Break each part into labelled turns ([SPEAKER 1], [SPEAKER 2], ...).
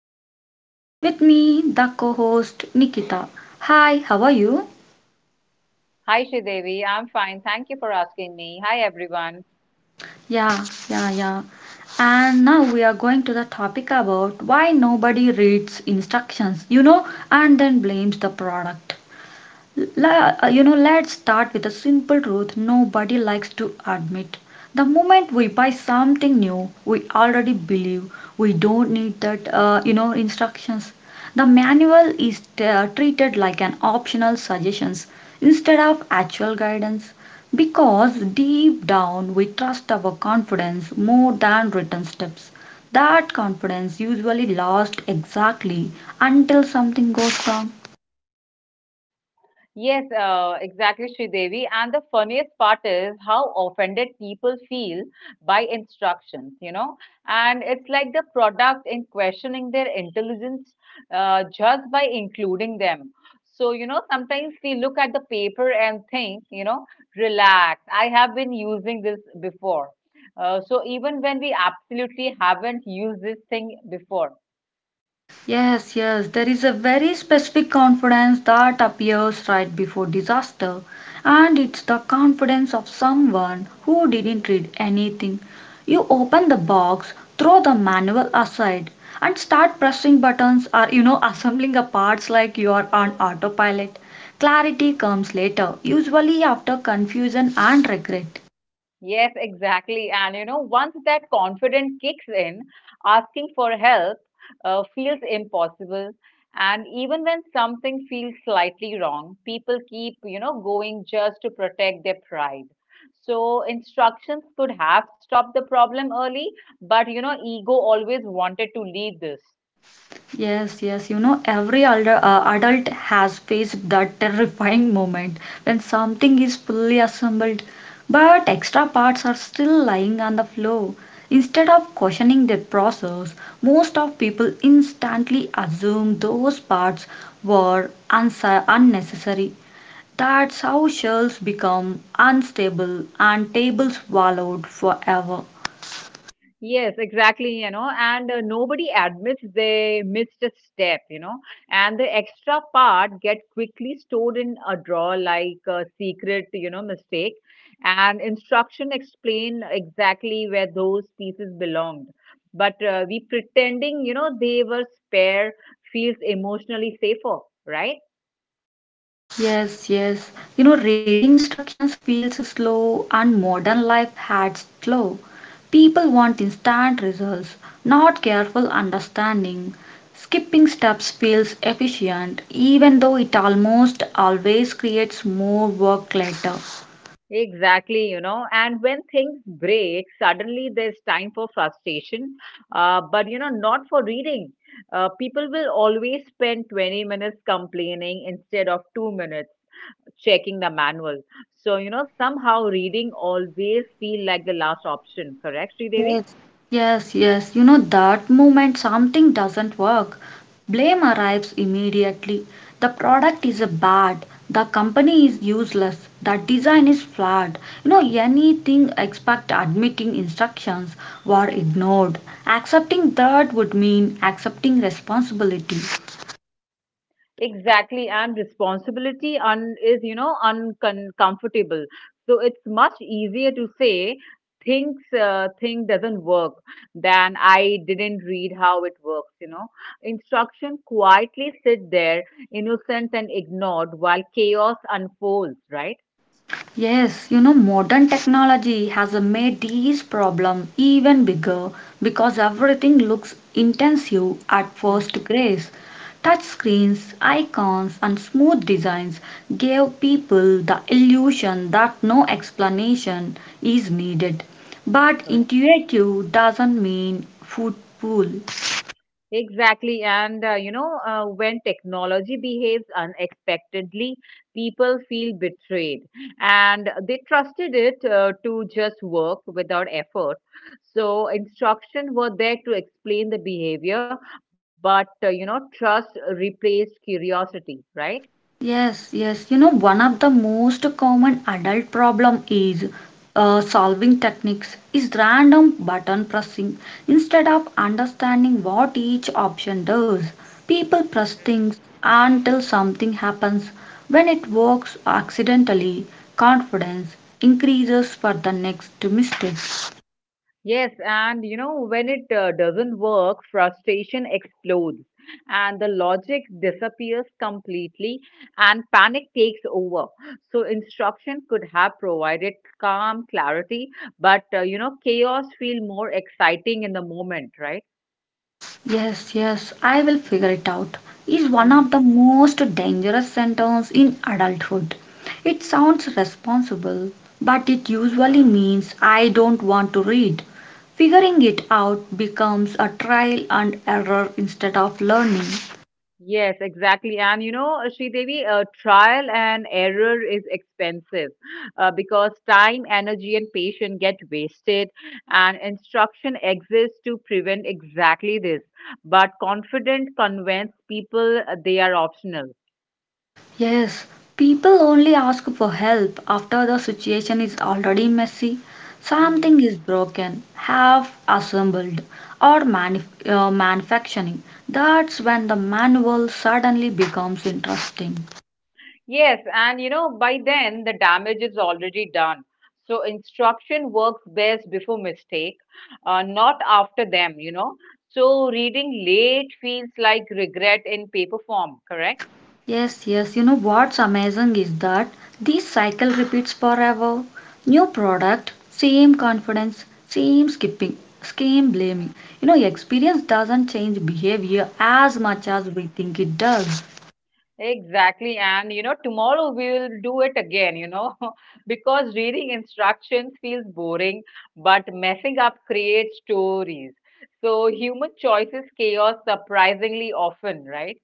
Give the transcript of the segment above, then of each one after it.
[SPEAKER 1] Sri Devi. With me, the co-host Nikita. Hi, how are you?
[SPEAKER 2] Hi, Sridevi. I'm fine. Thank you for asking me. Hi, everyone.
[SPEAKER 1] Yeah, yeah, yeah. And now we are going to the topic about why nobody reads instructions, you know, and then blames the product. Let's start with a simple truth nobody likes to admit. The moment we buy something new, we already believe we don't need that, instructions. The manual is treated like an optional suggestions instead of actual guidance because deep down we trust our confidence more than written steps. That confidence usually lasts exactly until something goes wrong.
[SPEAKER 2] Yes, exactly, Sridevi. And the funniest part is how offended people feel by instructions. And it's like the product in questioning their intelligence just by including them. So, sometimes we look at the paper and think, relax, I have been using this before. So even when we absolutely haven't used this thing before.
[SPEAKER 1] Yes, yes, there is a very specific confidence that appears right before disaster, and it's the confidence of someone who didn't read anything. You open the box, throw the manual aside, and start pressing buttons or assembling the parts like you are on autopilot. Clarity comes later, usually after confusion and regret.
[SPEAKER 2] Yes, exactly. And once that confidence kicks in, asking for help feels impossible. And even when something feels slightly wrong, people keep, going just to protect their pride. So instructions could have stopped the problem early, but ego always wanted to lead this.
[SPEAKER 1] Every elder, adult has faced that terrifying moment when something is fully assembled, but extra parts are still lying on the floor. Instead of questioning the process, most of people instantly assume those parts were unsa unnecessary. That's how shells become unstable and tables swallowed forever.
[SPEAKER 2] Yes, exactly, and nobody admits they missed a step, and the extra part get quickly stored in a drawer like a secret, mistake, and instruction explain exactly where those pieces belonged. But we pretending, they were spare feels emotionally safer, right?
[SPEAKER 1] Reading instructions feels slow and modern life has slow. People want instant results, not careful understanding. Skipping steps feels efficient, even though it almost always creates more work later.
[SPEAKER 2] Exactly, and when things break, suddenly there's time for frustration, but not for reading. People will always spend 20 minutes complaining instead of 2 minutes checking the manual. So, somehow reading always feel like the last option, correct, Sridevi?
[SPEAKER 1] Yes, yes, that moment something doesn't work. Blame arrives immediately. The product is a bad, the company is useless, the design is flawed. You know, anything except admitting instructions were ignored. Accepting that would mean accepting responsibility.
[SPEAKER 2] Exactly, and responsibility is, uncomfortable. So it's much easier to say things thing doesn't work than I didn't read how it works. Instruction quietly sit there, innocent and ignored while chaos unfolds, right?
[SPEAKER 1] Yes, you know, modern technology has made this problem even bigger because everything looks intensive at
[SPEAKER 2] Hmm.
[SPEAKER 1] first grace. Touch screens, icons, and smooth designs gave people the illusion that no explanation is needed. But
[SPEAKER 2] Correct.
[SPEAKER 1] intuitive doesn't mean football.
[SPEAKER 2] Exactly. And when technology behaves unexpectedly, people feel betrayed and they trusted it to just work without effort. So, instructions were there to explain the behavior, but trust replaced curiosity, right?
[SPEAKER 1] One of the most common adult problem is solving techniques is random button pressing. Instead of understanding what each option does, people press things until something happens. When it works accidentally, confidence increases for the next mistake.
[SPEAKER 2] Yes, and when it doesn't work, frustration explodes and the logic disappears completely and panic takes over. So, instruction could have provided calm, clarity, but chaos feel more exciting in the moment, right?
[SPEAKER 1] Yes, I will figure it out is one
[SPEAKER 2] Mhm.
[SPEAKER 1] of the most dangerous sentences in adulthood. It sounds responsible, but it usually means I don't want to read. Figuring it out becomes a trial and error instead of learning.
[SPEAKER 2] Yes, exactly. And Sridevi, trial and error is expensive because time, energy, and patience get wasted, and instruction exists to prevent exactly this. But confident convince people they are optional.
[SPEAKER 1] Yes, people only ask for help after the situation is already messy.
[SPEAKER 2] Mm-hmm.
[SPEAKER 1] Something is broken, half assembled, or manufacturing. That's when the manual suddenly becomes interesting.
[SPEAKER 2] Yes, and by then the damage is already done. So instruction works best before mistake, not after them. So reading late feels like regret in paper form, correct?
[SPEAKER 1] Yes, yes, what's amazing is that this cycle repeats forever. New product, same confidence, same skipping, same blaming. You know, experience doesn't change behavior as much as
[SPEAKER 2] Mhm.
[SPEAKER 1] we think it does.
[SPEAKER 2] Exactly. And tomorrow we will do it again, because reading instructions feels boring, but messing up creates stories. So human choices chaos surprisingly often, right?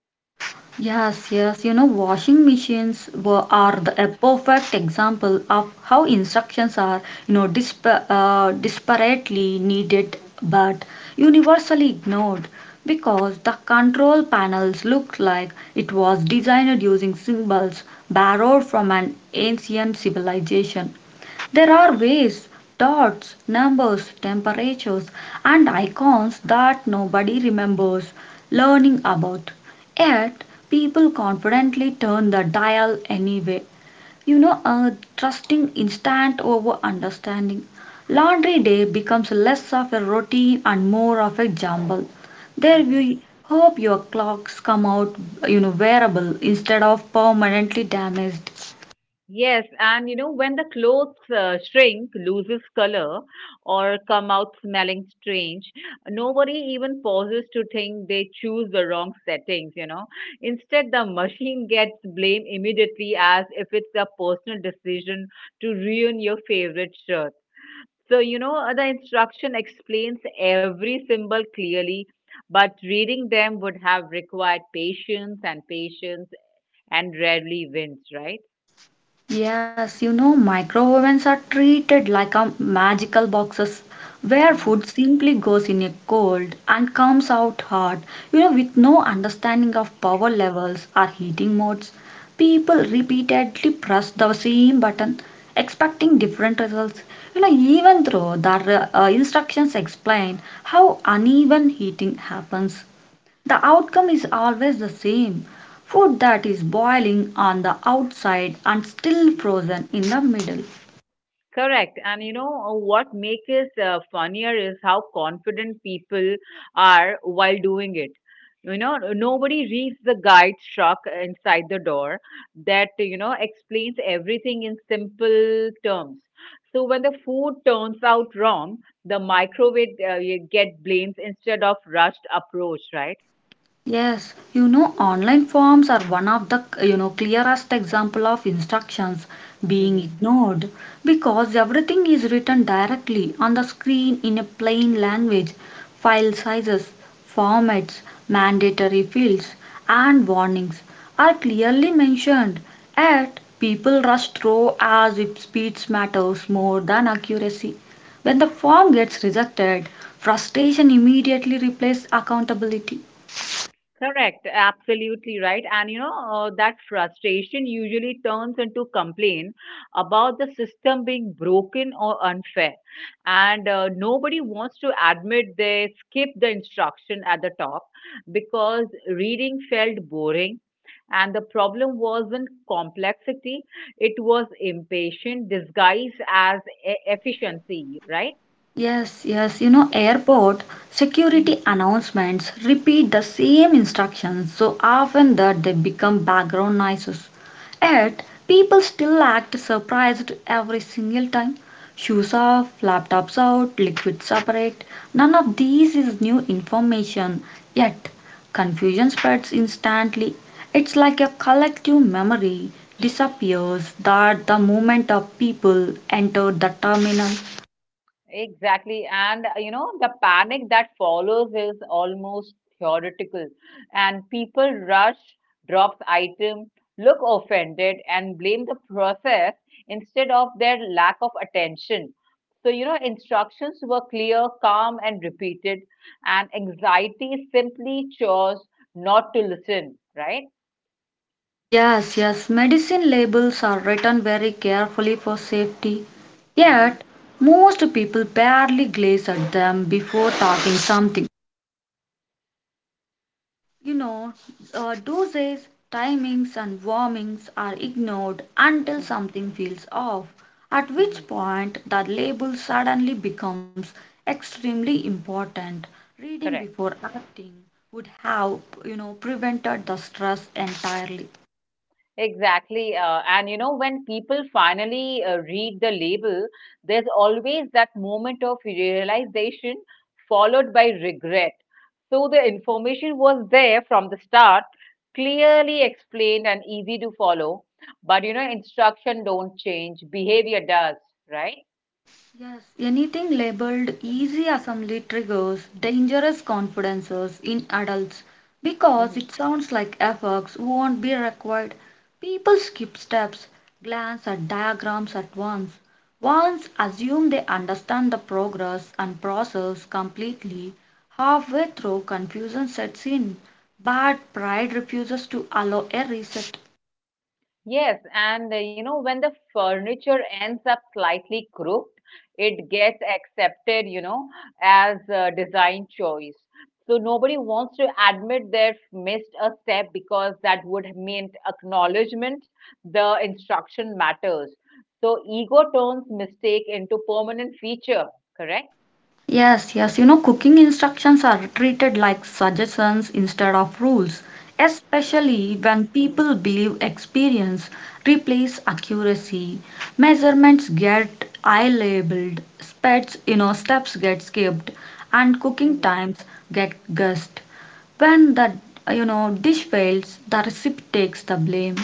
[SPEAKER 1] Washing machines are the a perfect example of how instructions are, you know, disparately needed but universally ignored because the control panels looked like it was designed using symbols borrowed from an ancient civilization. There are ways, dots, numbers, temperatures, and icons that nobody remembers learning about. Yet, people confidently turn the dial anyway. You know, uh, Trusting instant over understanding. Laundry day becomes less of a routine and more of a jumble. There
[SPEAKER 2] Mhm.
[SPEAKER 1] we hope your clocks come out, you know, wearable instead of permanently damaged.
[SPEAKER 2] Yes, and when the clothes shrink, loses color, or come out smelling strange, nobody even pauses to think they choose the wrong settings. Instead, the machine gets blamed immediately as if it's a personal decision to ruin your favorite shirt. So, the instruction explains every symbol clearly, but reading them would have required patience and rarely wins, right?
[SPEAKER 1] Yes, you know, microovens are treated like a magical boxes where
[SPEAKER 2] Hmm.
[SPEAKER 1] food simply goes in a cold and comes out hot. You know, with no understanding of power levels or heating modes, people repeatedly press the same button expecting different results. You know, even though the instructions explain how uneven heating happens. The outcome is always the same food that is boiling on the outside and still frozen in the middle.
[SPEAKER 2] Correct. And what makes it funnier is how confident people are while doing it. Nobody reads the guide truck inside the door that, explains everything in simple terms. So when the food turns out wrong, the microwave you get blames instead of rushed approach, right?
[SPEAKER 1] Yes, you know, online forms are one of the clearest example of instructions being
[SPEAKER 2] Mm-hmm.
[SPEAKER 1] ignored because everything is written directly on the screen in a plain language, file sizes, formats, mandatory fields, and warnings are clearly mentioned. Yet people rush through as if speed matters more than accuracy. When the form gets rejected, frustration immediately replaces accountability.
[SPEAKER 2] Correct, absolutely right. And that frustration usually turns into complaint about the system being broken or unfair. And nobody wants to admit they skipped the instruction at the top because reading felt boring. And the problem wasn't complexity, it was impatient disguised as efficiency, right?
[SPEAKER 1] Airport
[SPEAKER 2] Mm-hmm.
[SPEAKER 1] security announcements repeat the same instructions so often that they become background noises. Yet, people still act surprised every single time. Shoes off, laptops out, liquid separate. None of these is new information. Yet, confusion spreads instantly. It's like a collective memory disappears that the moment of people enter the terminal.
[SPEAKER 2] Exactly. And the panic that follows is almost theoretical, and people rush, drop item, look offended, and blame the process instead of their lack of attention. So, instructions were clear, calm, and repeated, and anxiety simply chose not to listen, right?
[SPEAKER 1] Yes, Medicine labels are written very carefully for safety,
[SPEAKER 2] Mm-hmm.
[SPEAKER 1] yet, most people barely glaze at them before talking something. You know, Doses, timings, and warnings are ignored until
[SPEAKER 2] Mm-hmm.
[SPEAKER 1] something feels off, at which
[SPEAKER 2] Mm-hmm.
[SPEAKER 1] point the label suddenly becomes extremely important. Reading
[SPEAKER 2] Correct.
[SPEAKER 1] before acting would have, you know, prevented the stress entirely.
[SPEAKER 2] Exactly. And when people finally read the label, there's always that moment of realization followed by regret. So the information was there from the start, clearly explained and easy to follow. But instruction don't change, behavior does, right?
[SPEAKER 1] Yes, anything labeled
[SPEAKER 2] Hmm.
[SPEAKER 1] easy assembly triggers dangerous confidences in adults because
[SPEAKER 2] Hmm.
[SPEAKER 1] it sounds like efforts won't be required. People skip steps, glance at diagrams at once, once assume they understand the progress and process completely. Halfway through, confusion sets in, but pride refuses to allow a reset.
[SPEAKER 2] Yes, and when the furniture ends up slightly crooked, it gets accepted, as a design choice. So nobody wants to admit they've missed a step because that would mean acknowledgement. The instruction matters. So ego turns mistake into permanent feature, correct?
[SPEAKER 1] Cooking instructions are treated like suggestions instead of rules, especially
[SPEAKER 2] Hmm.
[SPEAKER 1] when people believe experience replaces accuracy. Measurements get eye labeled, specs, you know, steps get skipped, and cooking times get guessed. When the dish fails, the recipe takes the blame.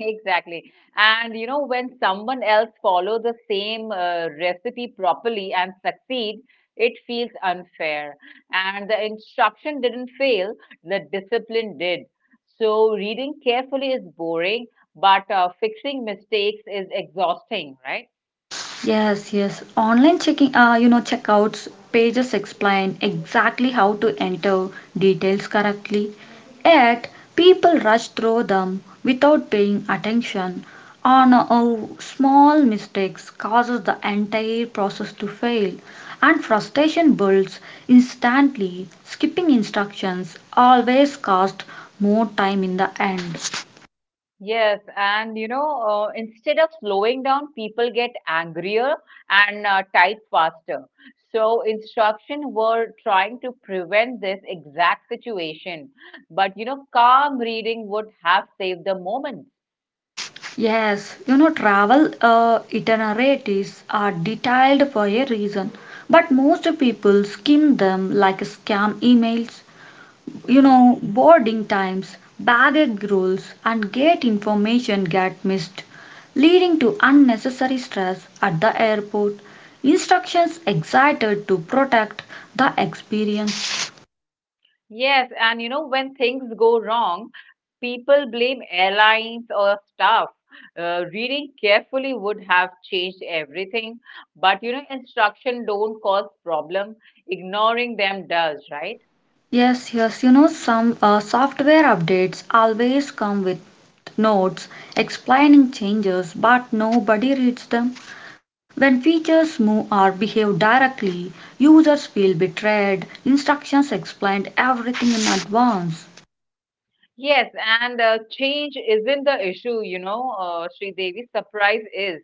[SPEAKER 2] Exactly. And when someone else follow the same recipe properly and succeed, it feels unfair. And the instruction didn't fail, the discipline did. So reading carefully is boring, but fixing mistakes is exhausting, right?
[SPEAKER 1] Yes, yes. Online checking, checkouts pages explain exactly how to enter details correctly. Yet, people rush through them without paying attention.
[SPEAKER 2] Mhm.
[SPEAKER 1] Small mistakes causes the entire process to fail, and frustration builds instantly. Skipping instructions always cost more time in the end.
[SPEAKER 2] Yes, and instead of slowing down, people get angrier and type faster. So instruction were trying to prevent this exact situation, but calm reading would have saved the moment.
[SPEAKER 1] Yes, you know, travel itineraries are detailed for a reason, but most people skim them like scam emails, you
[SPEAKER 2] Mm-hmm.
[SPEAKER 1] know, boarding times, baggage rules, and gate information get missed, leading to unnecessary stress at the airport. Instructions excited to protect the experience.
[SPEAKER 2] Yes, and when things go wrong, people blame airlines or staff. Reading carefully would have changed everything, but instruction don't cause problem. Ignoring them does, right?
[SPEAKER 1] Some software updates always come with notes explaining changes, but nobody reads them. When features move or behave directly, users feel betrayed. Instructions explained everything in advance.
[SPEAKER 2] Yes, and change isn't the issue, Sri Devi. Surprise is.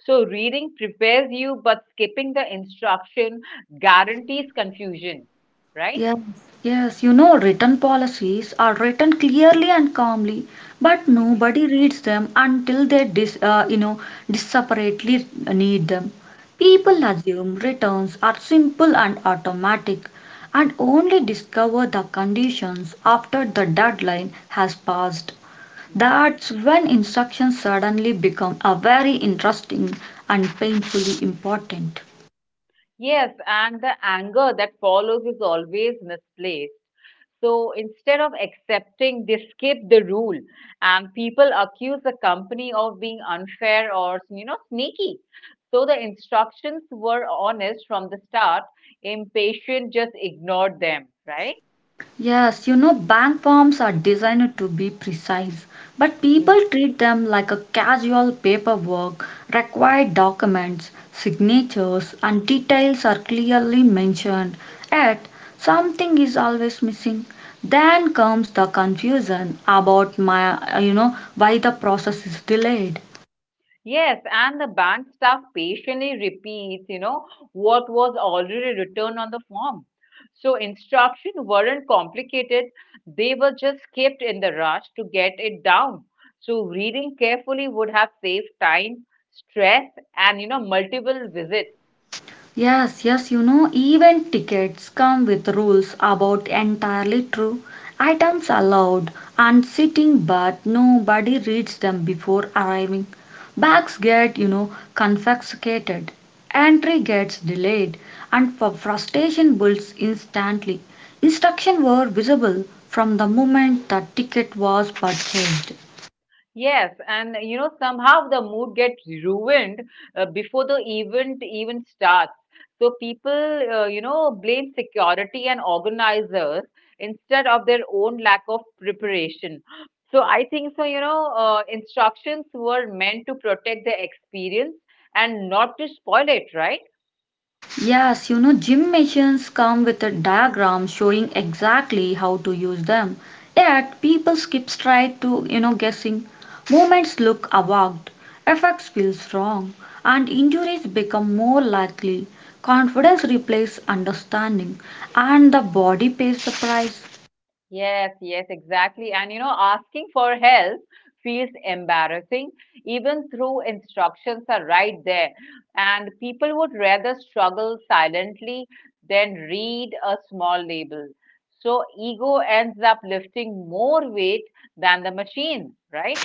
[SPEAKER 2] So reading prepares you, but skipping the instruction guarantees confusion, right?
[SPEAKER 1] Yes, Written policies are written clearly and calmly, but
[SPEAKER 2] Hmm.
[SPEAKER 1] nobody reads them until they desperately need them. People
[SPEAKER 2] Hmm.
[SPEAKER 1] assume returns are simple and automatic, and only discover the conditions after the deadline has passed.
[SPEAKER 2] Hmm.
[SPEAKER 1] That's when instructions suddenly become a very interesting and painfully important.
[SPEAKER 2] Yes, and the anger that follows is always misplaced. So instead of accepting, they skip the rule, and people accuse the company of being unfair or sneaky. So the instructions were honest from the start. Impatient just ignored them, right?
[SPEAKER 1] Yes, you know, bank forms are designed to be precise, but
[SPEAKER 2] Hmm.
[SPEAKER 1] people treat them like a casual paperwork. Required documents, signatures, and details are clearly mentioned, yet, something is always missing. Then comes the confusion about my, you know, why the process is delayed.
[SPEAKER 2] Yes, and the bank staff patiently repeats, what was already written on the form. So instructions weren't complicated, they were just kept in the rush to get it down. So reading carefully would have saved time, stress, and multiple visits.
[SPEAKER 1] Even tickets come with rules about entirely true items allowed and sitting, but nobody reads them before arriving. Bags get, you know, confiscated, entry gets delayed, and for frustration builds instantly. Instructions were visible from the moment the ticket was purchased.
[SPEAKER 2] Yes, and somehow the mood gets ruined before the event even starts. So people, blame security and organizers instead of their own lack of preparation. So I think so, instructions were meant to protect the experience and not to spoil it, right?
[SPEAKER 1] Yes, you know, gym machines come with a diagram showing exactly how to use them. Yet, people skip straight to, you know, guessing. Movements look awkward, effects feel wrong, and injuries become more likely. Confidence replaces understanding, and the body pays the price.
[SPEAKER 2] Yes, yes, exactly. And asking for help feels embarrassing, even through instructions are right there. And people would rather struggle silently than read a small label. So ego ends up lifting more weight than the machine, right?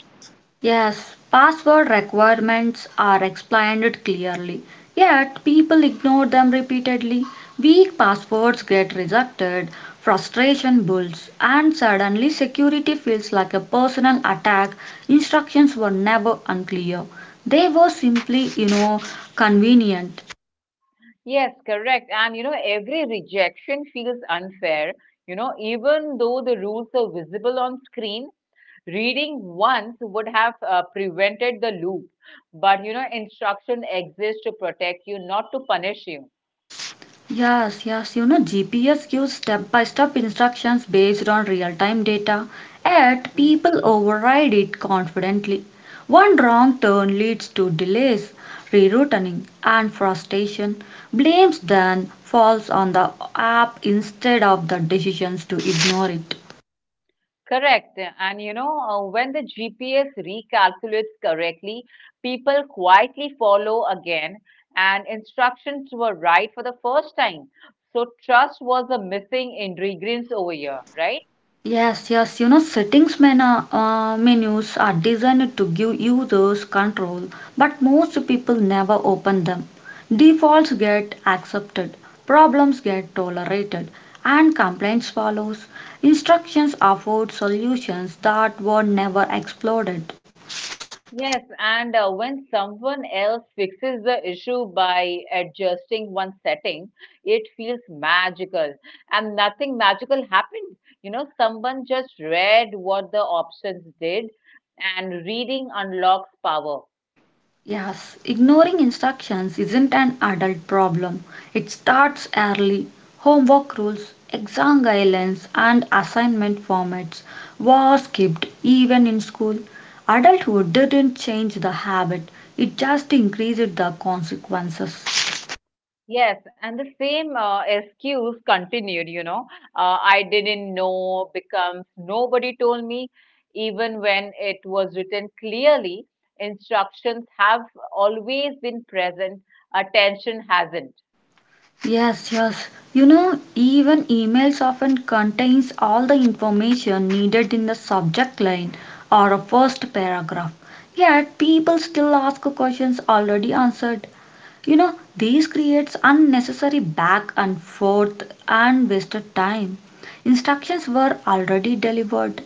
[SPEAKER 1] Yes, password requirements are explained clearly, yet people ignore them repeatedly. Weak passwords get rejected, frustration builds, and suddenly security feels like a personal attack. Instructions were never unclear. They were simply, you know, convenient.
[SPEAKER 2] Yes, correct. And every rejection feels unfair, even though the rules are visible on screen. Reading once would have prevented the loop, but instruction exists to protect you, not to punish you.
[SPEAKER 1] GPS gives step by step instructions based on real time data, yet
[SPEAKER 2] Mhm.
[SPEAKER 1] people override it confidently. One wrong turn leads to delays, rerouting, and frustration. Blames then falls on the app instead of the decisions to ignore it.
[SPEAKER 2] Correct. And when the GPS recalculates correctly, people quietly follow again, and instructions were right for the first time. So, trust was the missing ingredient over here, right?
[SPEAKER 1] Settings menus are designed to give users control, but most people never open them. Defaults get accepted, problems get tolerated, and complaints follows. Instructions afford solutions that were never explored.
[SPEAKER 2] Yes, and when someone else fixes the issue by adjusting one setting, it feels magical. And nothing magical happened. Someone just read what the options did, and reading unlocks power.
[SPEAKER 1] Yes, ignoring instructions isn't an adult problem. It starts early. Homework rules, exam guidelines, and assignment formats were skipped even in school. Adulthood didn't change the habit, it just increased the consequences.
[SPEAKER 2] Yes, and the same excuse continued. I didn't know becomes nobody told me, even when it was written clearly. Instructions have always been present, attention hasn't.
[SPEAKER 1] Yes, yes. You know, even emails often contains all the information needed in the subject line or a first paragraph. Yet people still ask questions already answered. You know, this creates unnecessary back and forth and wasted time. Instructions were already delivered.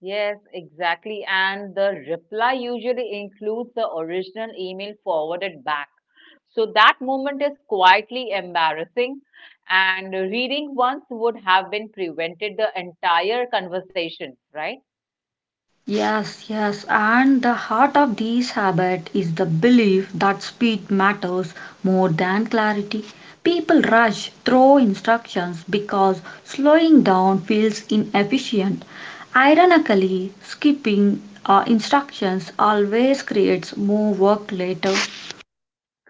[SPEAKER 2] Yes, exactly. And the reply usually includes the original email forwarded back. So that moment is quietly embarrassing, and reading once would have been prevented the entire conversation, right?
[SPEAKER 1] Yes, yes, and the heart of this habit is the belief that speed matters more than clarity. People rush through instructions because slowing down feels inefficient. Ironically, skipping instructions always creates more work later.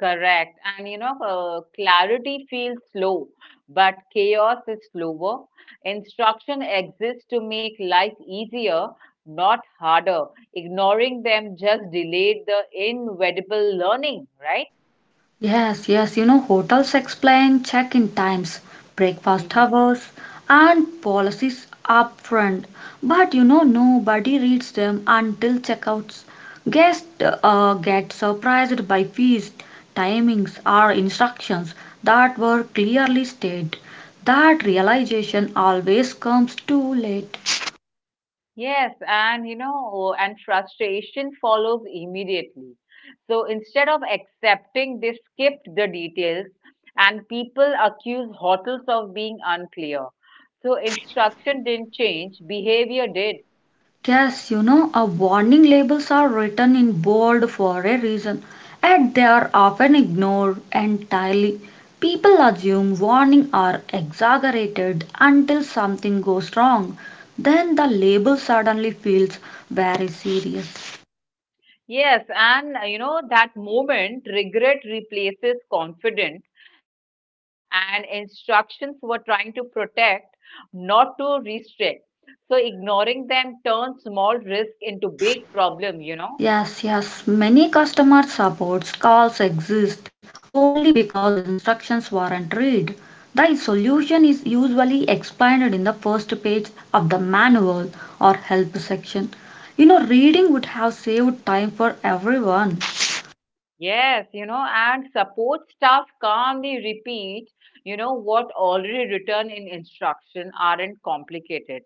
[SPEAKER 2] Correct. And clarity feels slow, but chaos is slower. Instruction exists to make life easier, not harder. Ignoring them just delayed the inevitable learning, right?
[SPEAKER 1] Hotels explain check in times, breakfast hours, and policies upfront. But you know, nobody reads them until checkouts. Guests get surprised by fees, timings, or instructions that were clearly stated. That realization always comes too late.
[SPEAKER 2] Yes, and frustration follows immediately. So instead of accepting, they skipped the details, and people accuse hotels of being unclear. So instruction didn't change, behavior did.
[SPEAKER 1] Yes, you know, our warning labels are written in bold for a reason, and they are often ignored entirely. People assume warnings are exaggerated until something goes wrong. Then the label suddenly feels very serious.
[SPEAKER 2] Yes, and that moment, regret replaces confidence, and instructions were trying to protect, not to restrict. So ignoring them turns small risk into big problem.
[SPEAKER 1] Yes, yes, many customer supports calls exist only because instructions weren't read. The solution is usually explained in the first page of the manual or help section. Reading would have saved time for everyone.
[SPEAKER 2] Yes, and support staff calmly repeat, what already written in instruction aren't complicated.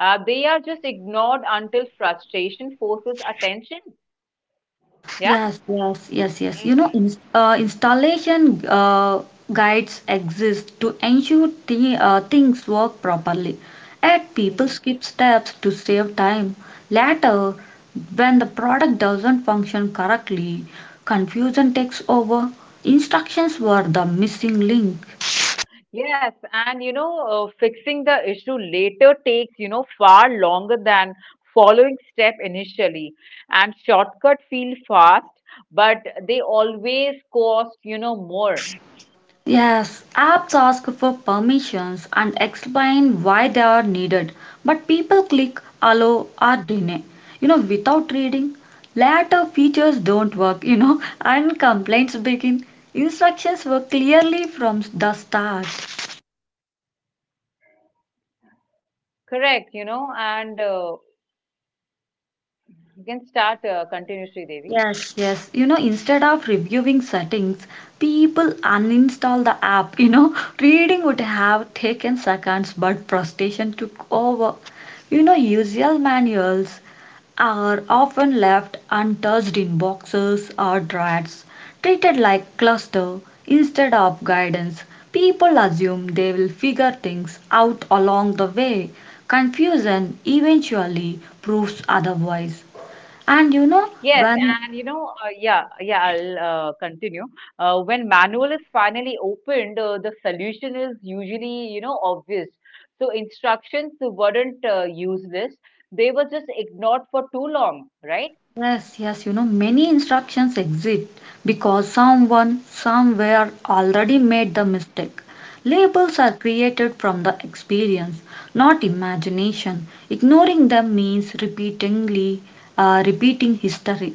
[SPEAKER 2] They are just ignored until frustration forces attention. Yeah.
[SPEAKER 1] Yes, yes, yes, yes.
[SPEAKER 2] Mhm,
[SPEAKER 1] Installation uh, guides exist to ensure the things work properly. Yet
[SPEAKER 2] mhm.
[SPEAKER 1] people skip steps to save time. Later, when the product doesn't function correctly, confusion takes over. Instructions were the missing link.
[SPEAKER 2] Yes, and fixing the issue later takes, far longer than following step initially. And shortcut feel fast, but they always cost, more.
[SPEAKER 1] Yes, apps ask for permissions and explain why they are needed, but people click allow or deny without reading. Later features don't work, and complaints begin. Instructions were clearly from the start.
[SPEAKER 2] Correct, and you can start, continue, Devi.
[SPEAKER 1] Yes, yes. Instead of reviewing settings, people uninstall the app. You know, reading would have taken seconds, but frustration took over. Usual manuals are often left untouched in boxes or drawers, treated like cluster instead of guidance. People assume they will figure things out along the way. Confusion eventually proves otherwise. And you know,
[SPEAKER 2] Yes,
[SPEAKER 1] when
[SPEAKER 2] and yeah, yeah, I'll continue. When manual is finally opened, the solution is usually, obvious. So instructions weren't useless; they were just ignored for too long, right?
[SPEAKER 1] Yes, yes, many instructions exist because someone somewhere already made the mistake. Labels are created from the experience, not imagination. Ignoring them means repeatedly repeating history.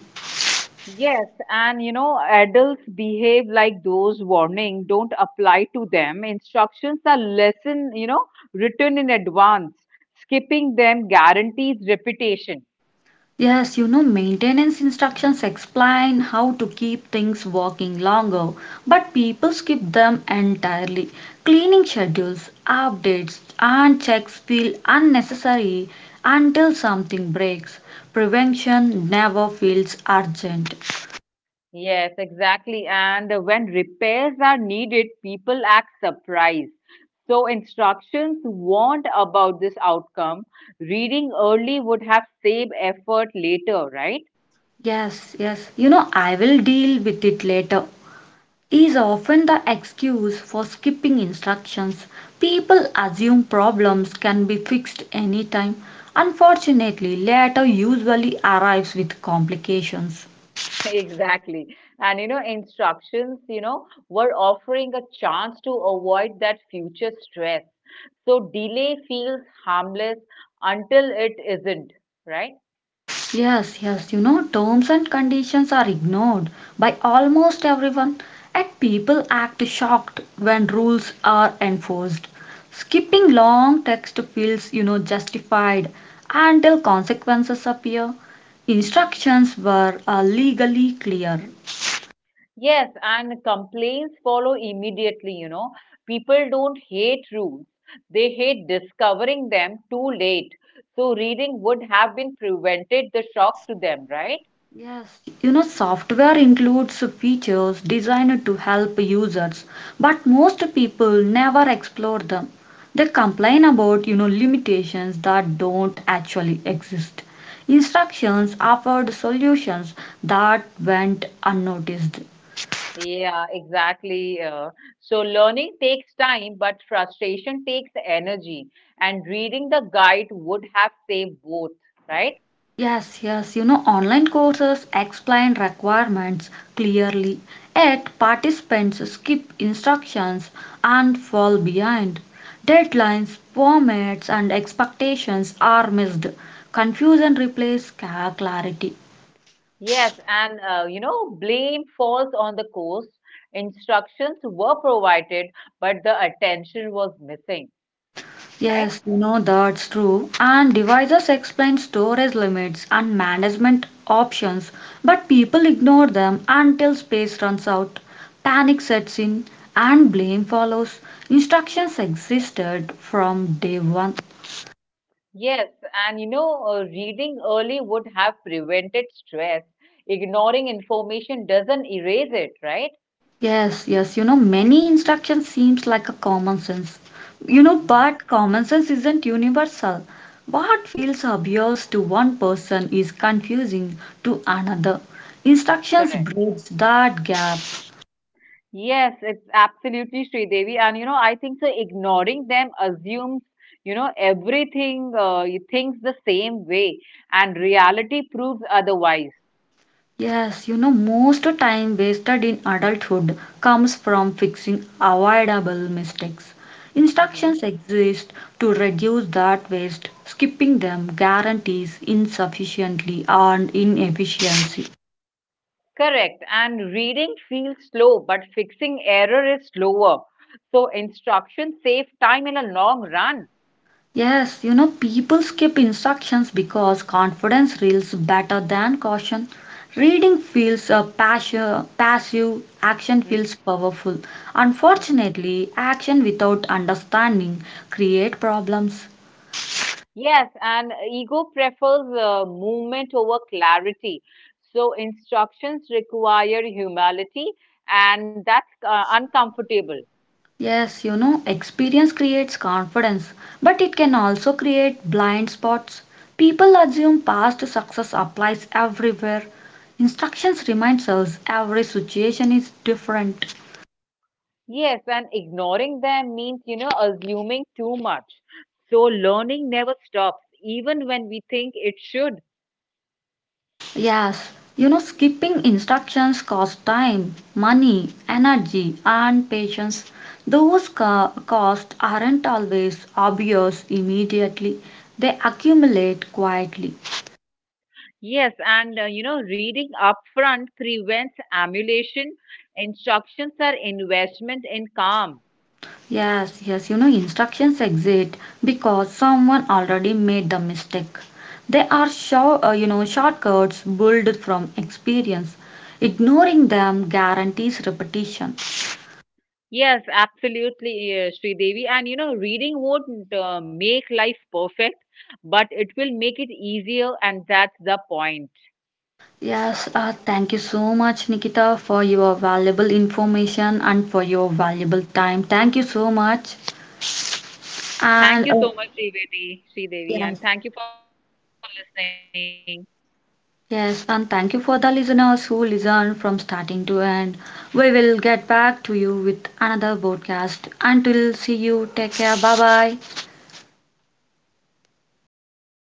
[SPEAKER 2] Yes, and adults behave like those warnings don't apply to them. Instructions are lesson, written in advance. Skipping them guarantees repetition.
[SPEAKER 1] Yes, maintenance instructions explain how to keep things working longer, but people skip them entirely. Cleaning schedules, updates, and checks feel unnecessary until something breaks. Prevention never feels urgent.
[SPEAKER 2] Yes, exactly. And when repairs are needed, people act surprised. So instructions warned about this outcome. Reading early would have saved effort later, right?
[SPEAKER 1] Yes, yes, "I will deal with it later." is often the excuse for skipping instructions. People assume problems can be fixed anytime. Unfortunately, later usually arrives with complications.
[SPEAKER 2] Exactly. And instructions, were offering a chance to avoid that future stress. So delay feels harmless until it isn't, right?
[SPEAKER 1] Yes, yes, terms and conditions are ignored by almost everyone, and people act shocked when rules are enforced. Skipping long text feels justified until consequences appear. Instructions were legally clear.
[SPEAKER 2] Yes, and complaints follow immediately. People don't hate rules, they hate discovering them too late. So, reading would have been prevented the shock to them, right?
[SPEAKER 1] Yes, software includes features designed to help users, but most people never explore them. They complain about limitations that don't actually exist. Instructions offered solutions that went unnoticed.
[SPEAKER 2] Yeah, exactly. So, learning takes time, but frustration takes energy, and reading the guide would have saved both, right?
[SPEAKER 1] Yes, yes, online courses explain requirements clearly, yet participants skip instructions and fall behind. Deadlines, formats, and expectations are missed. Confusion replaces clarity.
[SPEAKER 2] Yes, and blame falls on the course. Instructions were provided, but the attention was missing. Right?
[SPEAKER 1] Yes, you know that's true. And devices explain storage limits and management options, but people ignore them until space runs out. Panic sets in and blame follows. Instructions existed from day one.
[SPEAKER 2] Yes, and reading early would have prevented stress. Ignoring information doesn't erase it, right?
[SPEAKER 1] Yes, yes, many instruction seems like a common sense.
[SPEAKER 2] Hmm.
[SPEAKER 1] But common sense isn't universal. What feels obvious to one person is confusing to another. Instructions
[SPEAKER 2] Correct.
[SPEAKER 1] bridge that gap.
[SPEAKER 2] Yes, it's absolutely Sridevi. And I think so ignoring them assumes, everything you thinks the same way, and reality proves otherwise.
[SPEAKER 1] Yes, most time wasted in adulthood comes from fixing avoidable mistakes.
[SPEAKER 2] Hmm.
[SPEAKER 1] Instructions exist to reduce that waste. Skipping them guarantees insufficiently and inefficiency.
[SPEAKER 2] Correct. And reading feels slow, but fixing error is slower. So instructions save time in a long run.
[SPEAKER 1] Yes, people skip instructions because confidence reels better than caution. Reading feels passive, action feels powerful.
[SPEAKER 2] Mhm.
[SPEAKER 1] Unfortunately, action without understanding create problems.
[SPEAKER 2] Yes, and ego prefers movement over clarity. So instructions require humility, and that's uncomfortable.
[SPEAKER 1] Yes, experience creates confidence, but it can also create blind spots. People assume past success applies everywhere. Instructions reminds us every situation is different.
[SPEAKER 2] Yes, and ignoring them means, assuming too much. So learning never stops, even when we think it should.
[SPEAKER 1] Yes, skipping instructions costs time, money, energy, and patience. Those costs aren't always obvious immediately, they accumulate quietly.
[SPEAKER 2] Yes, and reading upfront prevents emulation. Instructions are investment in calm.
[SPEAKER 1] Yes, yes, instructions exist because someone already made the mistake. They are shortcuts built from experience. Ignoring them guarantees repetition.
[SPEAKER 2] Yes, absolutely, Devi. And reading won't make life perfect, but it will make it easier, and that's the point.
[SPEAKER 1] Yes, thank you so much, Nikita, for your valuable information and for your valuable time. Thank you so much. And
[SPEAKER 2] Thank you so much, Sridevi, Devi, and
[SPEAKER 1] Yes,
[SPEAKER 2] thank you for listening.
[SPEAKER 1] yes, and thank you for the listeners who listen from starting to end. We will get back to you with another broadcast. Until see you, take care. Bye bye.